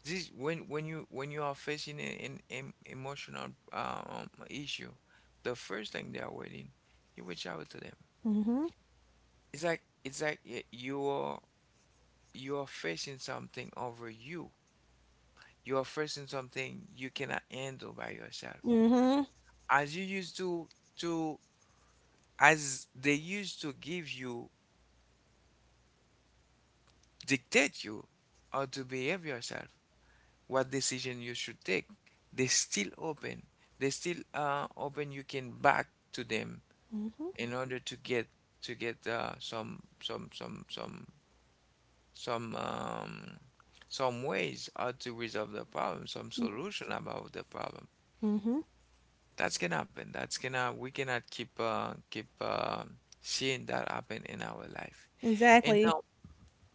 A: This when you are facing an emotional issue, the first thing they are waiting, you reach out to them. It's like you are facing something over you. You are facing something you cannot handle by yourself.
B: Mhm.
A: As you used to to as they used to give you dictate you how to behave yourself, what decision you should take. They still open. They still open. You can back to them in order to get some some um, some ways how to resolve the problem, some solution about the problem.
B: Mhm.
A: That's can happen. That's gonna we cannot keep seeing that happen in our life. And
B: Exactly.
A: now,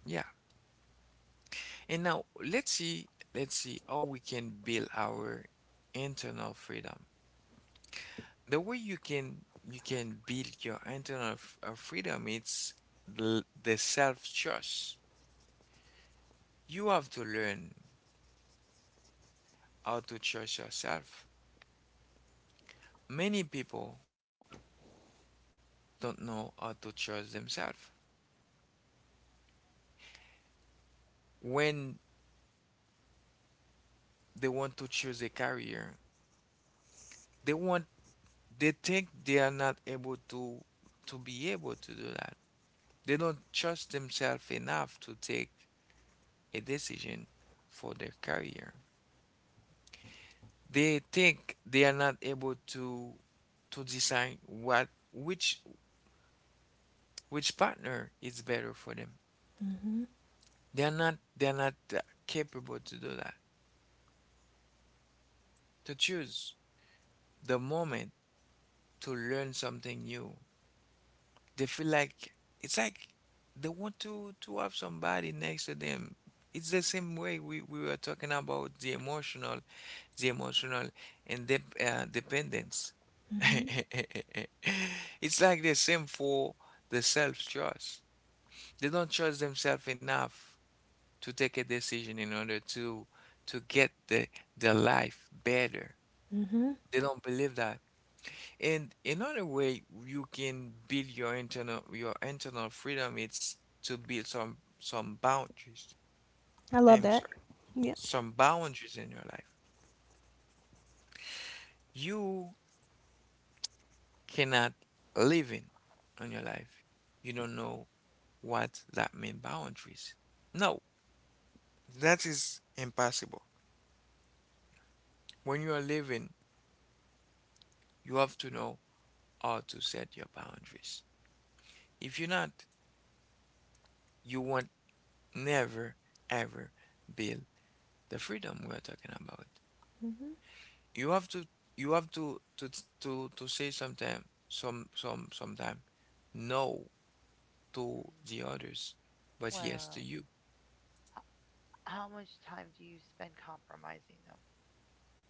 A: yeah. And now let's see how we can build our internal freedom. The way you can build your internal freedom it's the self trust. You have to learn how to trust yourself. Many people don't know how to trust themselves. When they want to choose a career, they want they think they are not able to be able to do that. They don't trust themselves enough to take a decision for their career. They think they are not able to decide what which partner is better for them. They're not capable to do that. To choose the moment to learn something new. They feel like it's like they want to have somebody next to them. It's the same way we were talking about the emotional and the dependence. It's like the same for the self-trust. They don't trust themselves enough to take a decision in order to get the life better. They don't believe that. And another way you can build your internal freedom is to build some boundaries.
B: I love
A: I'm
B: that.
A: sorry,
B: Yep.
A: some boundaries in your life. You cannot live in on your life. You don't know what that mean boundaries. No, that is impossible. When you are living, you have to know how to set your boundaries. If you're not, you won't never ever build the freedom we're talking about. You have to you have to to to say sometime some sometime no to
C: Mm,
A: the others, but yes to
C: well,
A: you.
C: h- how much time do you spend compromising them?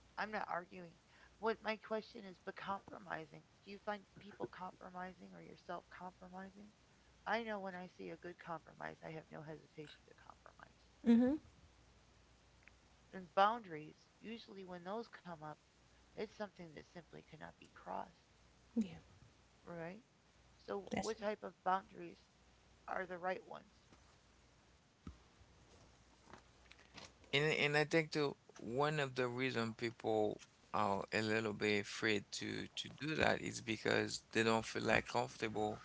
C: I'm not arguing. What my question is, but compromising. Do you find people compromising or yourself compromising? I know when I see a good compromise, I have no hesitation to compromise.
B: Mhm.
C: And boundaries, usually when those come up, it's something that simply cannot be crossed,
B: Yeah.
C: right? So,
B: That's
C: what
B: it.
C: type of boundaries are the right ones?
A: And I think the one of the reason people are a little bit afraid to do that is because they don't feel like comfortable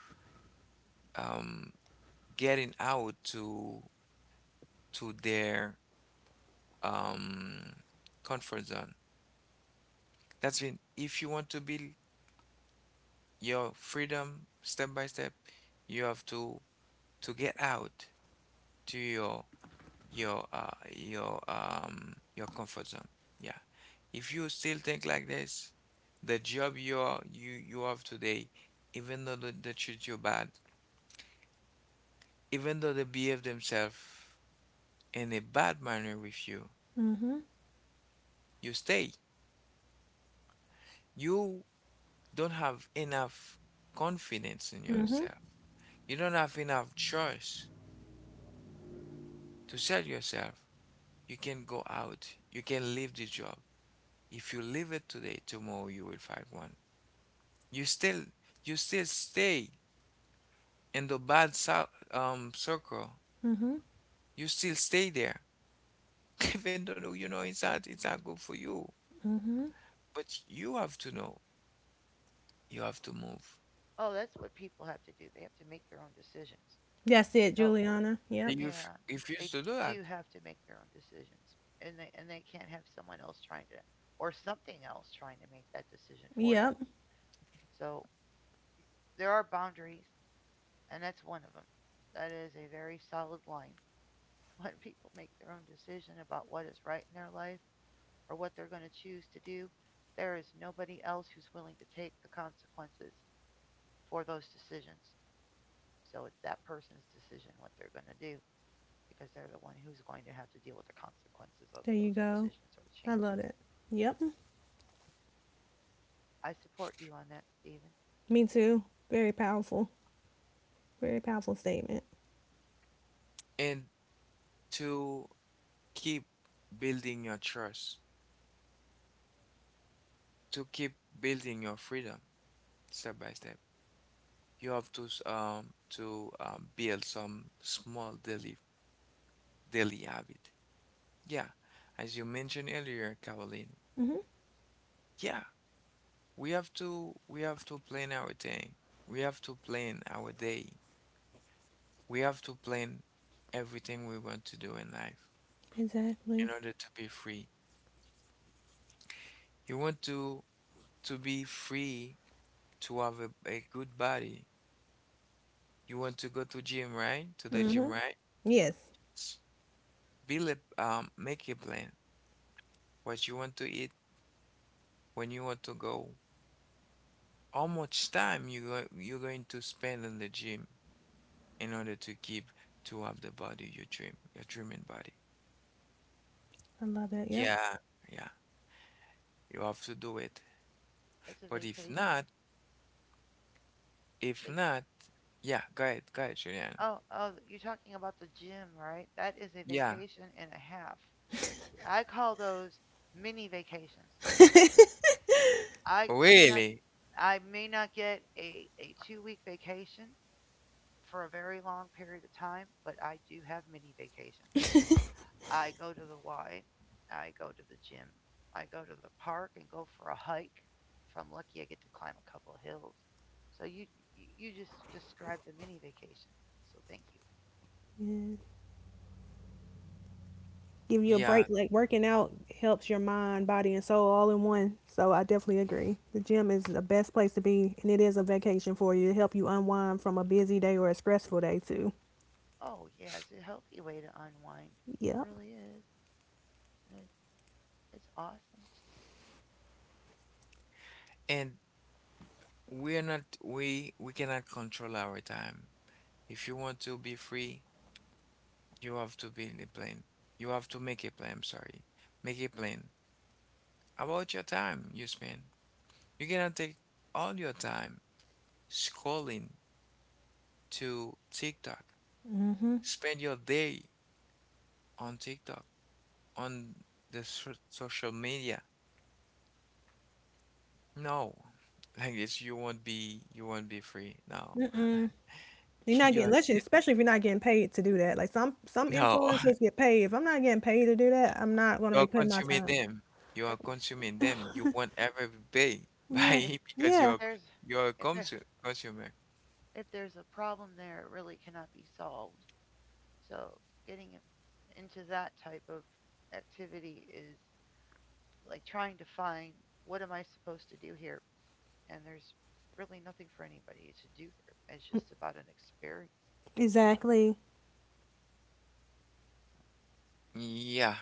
A: um getting out to their um comfort zone. That's mean if you want to build your freedom step by step, you have to get out to your your comfort zone. Yeah. If you still think like this, the job you are you have today, even though they treat you bad, even though they behave themselves in a bad manner with you,
B: Mm.
A: you stay. You don't have enough confidence in yourself. You don't have enough choice to sell yourself. You can go out, you can leave the job. If you leave it today, tomorrow you will find one. You still you still stay in the bad circle. You still stay there. Even though you know it's not good for you. But you have to know. You have to move.
C: Oh, that's what people have to do. They have to make their own decisions.
B: That's it,
C: So,
B: Juliana.
A: And
B: Yep.
A: you
C: yeah,
A: refuse
C: they
A: to do that.
C: do have to make their own decisions, and they can't have someone else trying to or something else trying to make that decision for them.
B: Yep.
C: So there are boundaries, and that's one of them. That is a very solid line. When people make their own decision about what is right in their life or what they're going to choose to do, there is nobody else who's willing to take the consequences for those decisions. So it's that person's decision what they're going to do. Because they're the one who's going to have to deal with the consequences of
B: There you
C: those
B: go.
C: decisions or
B: I love
C: changes.
B: it. Yep.
C: I support you on that, Steven.
B: Me too. Very powerful. Very powerful statement.
A: And to keep building your trust, to keep building your freedom step by step. You have to build some small daily habit. Yeah, as you mentioned earlier, Caroline.
B: Hmm.
A: Yeah, we have to plan our day. We have to plan our day. We have to plan everything we want to do in life
B: Exactly.
A: in order to be free. You want to be free to have a good body. You want to go to gym, right? To the gym,
B: Hmm.
A: right?
B: Yes.
A: Build a make a plan what you want to eat, when you want to go, how much time you're going to spend in the gym in order to keep to have the body you dream, your dreaming body.
B: I love that. Yep.
A: Yeah, yeah, you have to do it.
C: It's a
A: But
C: vacation.
A: if
C: It
A: not, yeah, go ahead, Juliana.
C: oh oh you're talking about the gym, right? That is a
A: Yeah,
C: vacation and a half. I call those mini vacations. I may not
A: really,
C: I may not get a 2 week vacation for a very long period of time, but I do have mini vacations. I go to the Y. I go to the gym. I go to the park and go for a hike. If I'm lucky, I get to climb a couple of hills. So you just described the mini vacation. So thank you.
B: Yes. Give you a
A: yeah.
B: break. Like working out helps your mind, body, and soul all in one. So I definitely agree. The gym is the best place to be, and it is a vacation for you to help you unwind from a busy day or a stressful day too.
C: Oh yeah, it's a healthy way to unwind. It
B: Yep.
C: really is. And it's awesome.
A: And we're not, we cannot control our time. If you want to be free, you have to be in the plan. You have to make a plan, I'm sorry. Make a plan about your time you spend. You cannot take all your time scrolling to TikTok. Spend your day on TikTok, on the social media. No, like this, you won't be free. No,
B: You're not
A: you
B: getting
A: are
B: unless you, especially if you're not getting paid to do that. Like some
A: no,
B: influencers get paid. If I'm not getting paid to do that, I'm not going
A: you
B: to be
A: are
B: putting my
A: consuming
B: time.
A: them. You are
C: If
A: consuming them. You want every day
B: Yeah.
C: if
A: by because
C: if
B: Yeah.
C: there's
A: you are a
C: if there
A: consumer.
C: if there's a problem there, it really cannot be solved. So getting into that type of activity is like trying to find what am I supposed to do here? And there's really nothing for anybody to do there. It's just about an experience,
B: Exactly.
A: Yeah,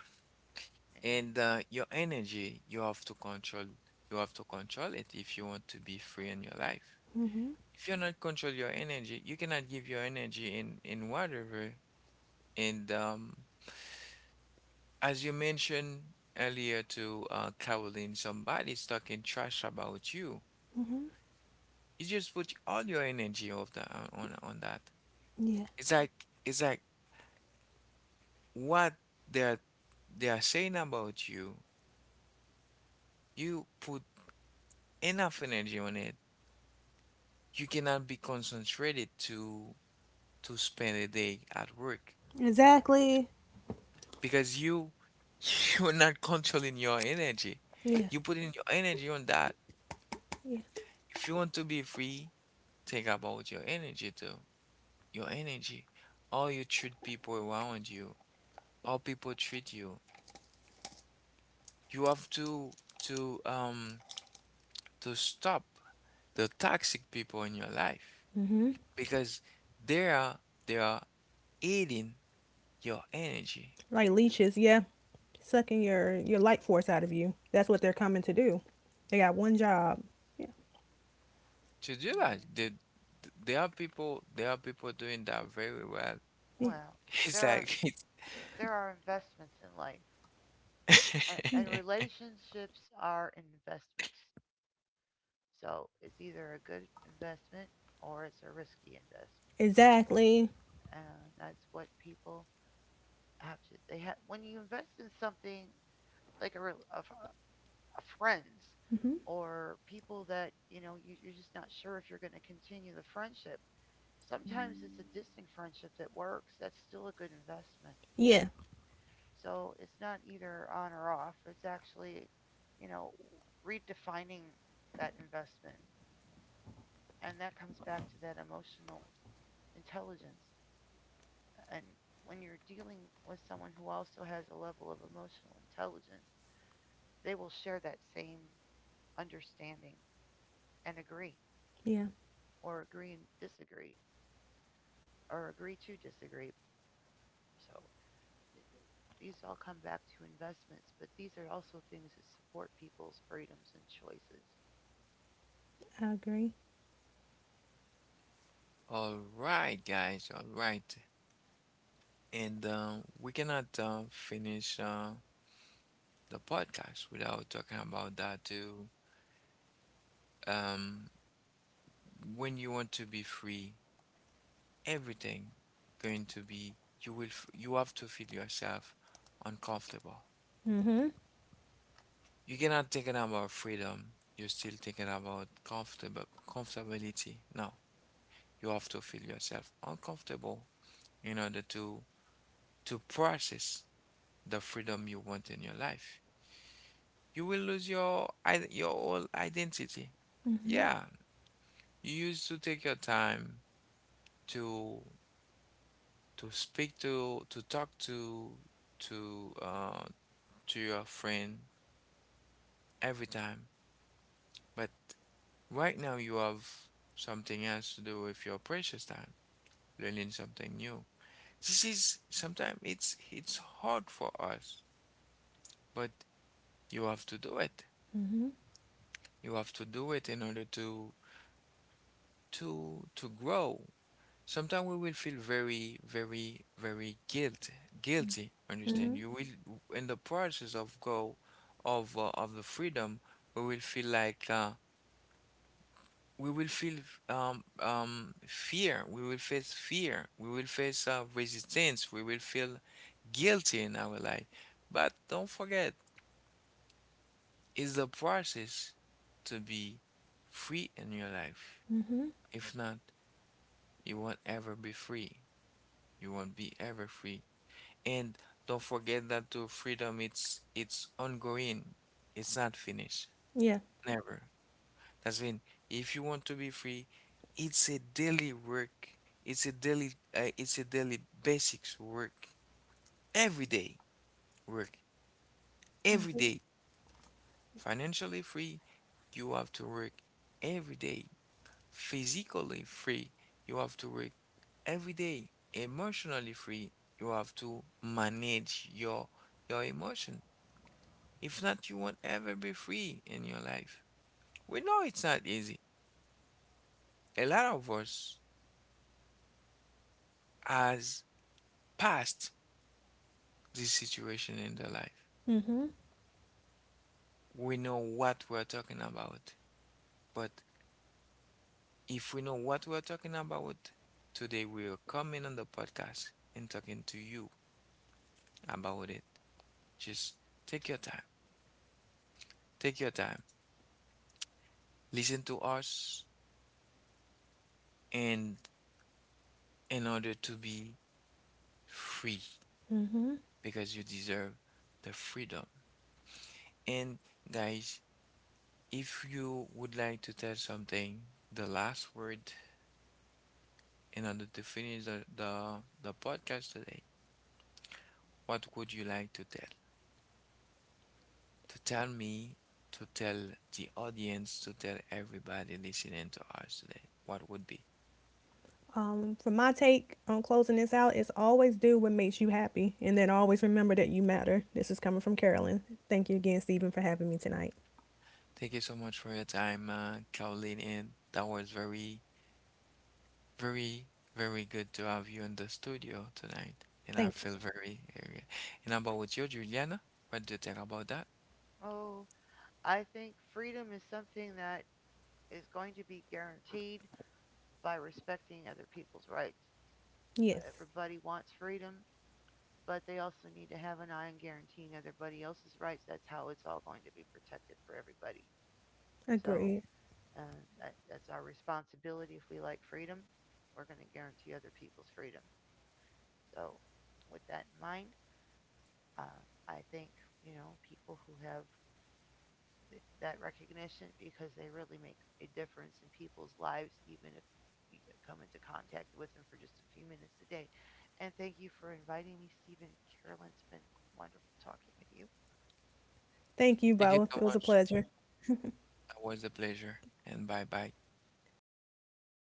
C: you know?
A: and your energy, you have to control. You have to control it if you want to be free in your life. If you're not control your energy, you cannot give your energy in whatever. And as you mentioned earlier to Caroline, somebody's talking trash about you. You just put all your energy of the on that.
B: Yeah.
A: It's like it's like what they're they are saying about you. You put enough energy on it you cannot be concentrated to spend a day at work
B: Exactly.
A: because you you're not controlling your energy.
B: Yeah.
A: You putting your energy on that.
B: Yeah.
A: If you want to be free, think about your energy too. Your energy, how you treat people around you, how people treat you. You have to to um to stop the toxic people in your life because they are they are eating your energy.
B: Like leeches, yeah. Sucking your light force out of you. That's what they're coming to do. They got one job. Yeah.
A: To do that.
C: Yeah.
A: There are people doing that very well.
B: Yeah.
C: Well, there
A: It's
C: are
A: like,
C: there are investments in life. a-
B: Yeah.
C: And
A: it's
C: relationships are investments. So it's either a good investment or it's a risky investment.
B: Exactly.
C: And that's what people have to they have when you invest in something like a, rel- a f- friends
B: Mhm.
C: or people that you know you, you're just not sure if you're going to continue the friendship, sometimes it's a distant friendship that works, that's still a good investment,
B: Yeah.
C: so it's not either on or off, it's actually, you know, redefining that investment, and that comes back to that emotional intelligence, and when you're dealing with someone who also has a level of emotional intelligence, they will share that same understanding and agree
B: Yeah.
C: or agree and disagree or agree to disagree. So th- th- these all come back to investments, but these are also things that support people's freedoms and choices.
B: I agree.
A: all right, guys, all right. And we cannot finish the podcast without talking about that too. Um, when you want to be free, everything going to be, you will, you have to feel yourself uncomfortable.
B: Mhm.
A: You cannot thinking about freedom. You're still thinking about comfortable comfortability. No, you have to feel yourself uncomfortable in order to process the freedom you want in your life. You will lose your your whole identity. Yeah, you used to take your time to to speak to talk to to uh to your friend every time, but right now you have something else to do with your precious time, learning something new. This is sometimes it's hard for us, but you have to do it. You have to do it in order to to grow. Sometimes we will feel very, very, very guilty. Understand?
B: Mhm.
A: You will in the process of go of the freedom, we will feel like we will feel fear. We will face fear. We will face resistance. We will feel guilty in our life. But don't forget is the process to be free in your life.
B: Mhm.
A: If not, you won't ever be free. You won't be ever free. And don't forget that to freedom, it's ongoing. It's not finished.
B: Yeah.
A: Never. That's when if you want to be free, it's a daily work. It's a daily. It's a daily basics work. Every day work.
B: I
A: Every
B: agree.
A: day. Financially free, you have to work every day. Physically free, you have to work every day. Emotionally free, you have to manage your emotion. If not, you won't ever be free in your life. We know it's not easy. A lot of us has passed this situation in their life.
B: Mhm.
A: We know what we're talking about. But if we know what we're talking about, today we are coming on the podcast and talking to you about it. Just take your time. Take your time. Listen to us and in order to be free
B: Mhm.
A: because you deserve the freedom. And guys, if you would like to tell something, the last word in order to finish the podcast today, what would you like to tell? To tell me, to tell the audience, to tell everybody listening to us today, what would be?
B: For my take on closing this out, is always do what makes you happy, and then always remember that you matter. This is coming from Carolyn. Thank you again, Stephen, for having me tonight.
A: Thank you so much for your time, Caroline, and that was very very, very good to have you in the studio tonight, and I
B: Thank you.
A: feel very, very good. And about you, Juliana, what do you think about that?
C: Oh, I think freedom is something that is going to be guaranteed by respecting other people's rights.
B: Yes.
C: Everybody wants freedom, but they also need to have an eye on guaranteeing everybody else's rights. That's how it's all going to be protected for everybody. So
B: Agreed.
C: uh, that, that's our responsibility. If we like freedom, we're going to guarantee other people's freedom. So, with that in mind, I think you know people who have that recognition because they really make a difference in people's lives, even if you come into contact with them for just a few minutes a day. And thank you for inviting me, Stephen and Carolyn. It's been wonderful talking with you.
B: Thank you
A: Thank you so
B: both. It was a
A: much.
B: pleasure.
A: That was a pleasure, and bye bye.
B: Bye, everyone.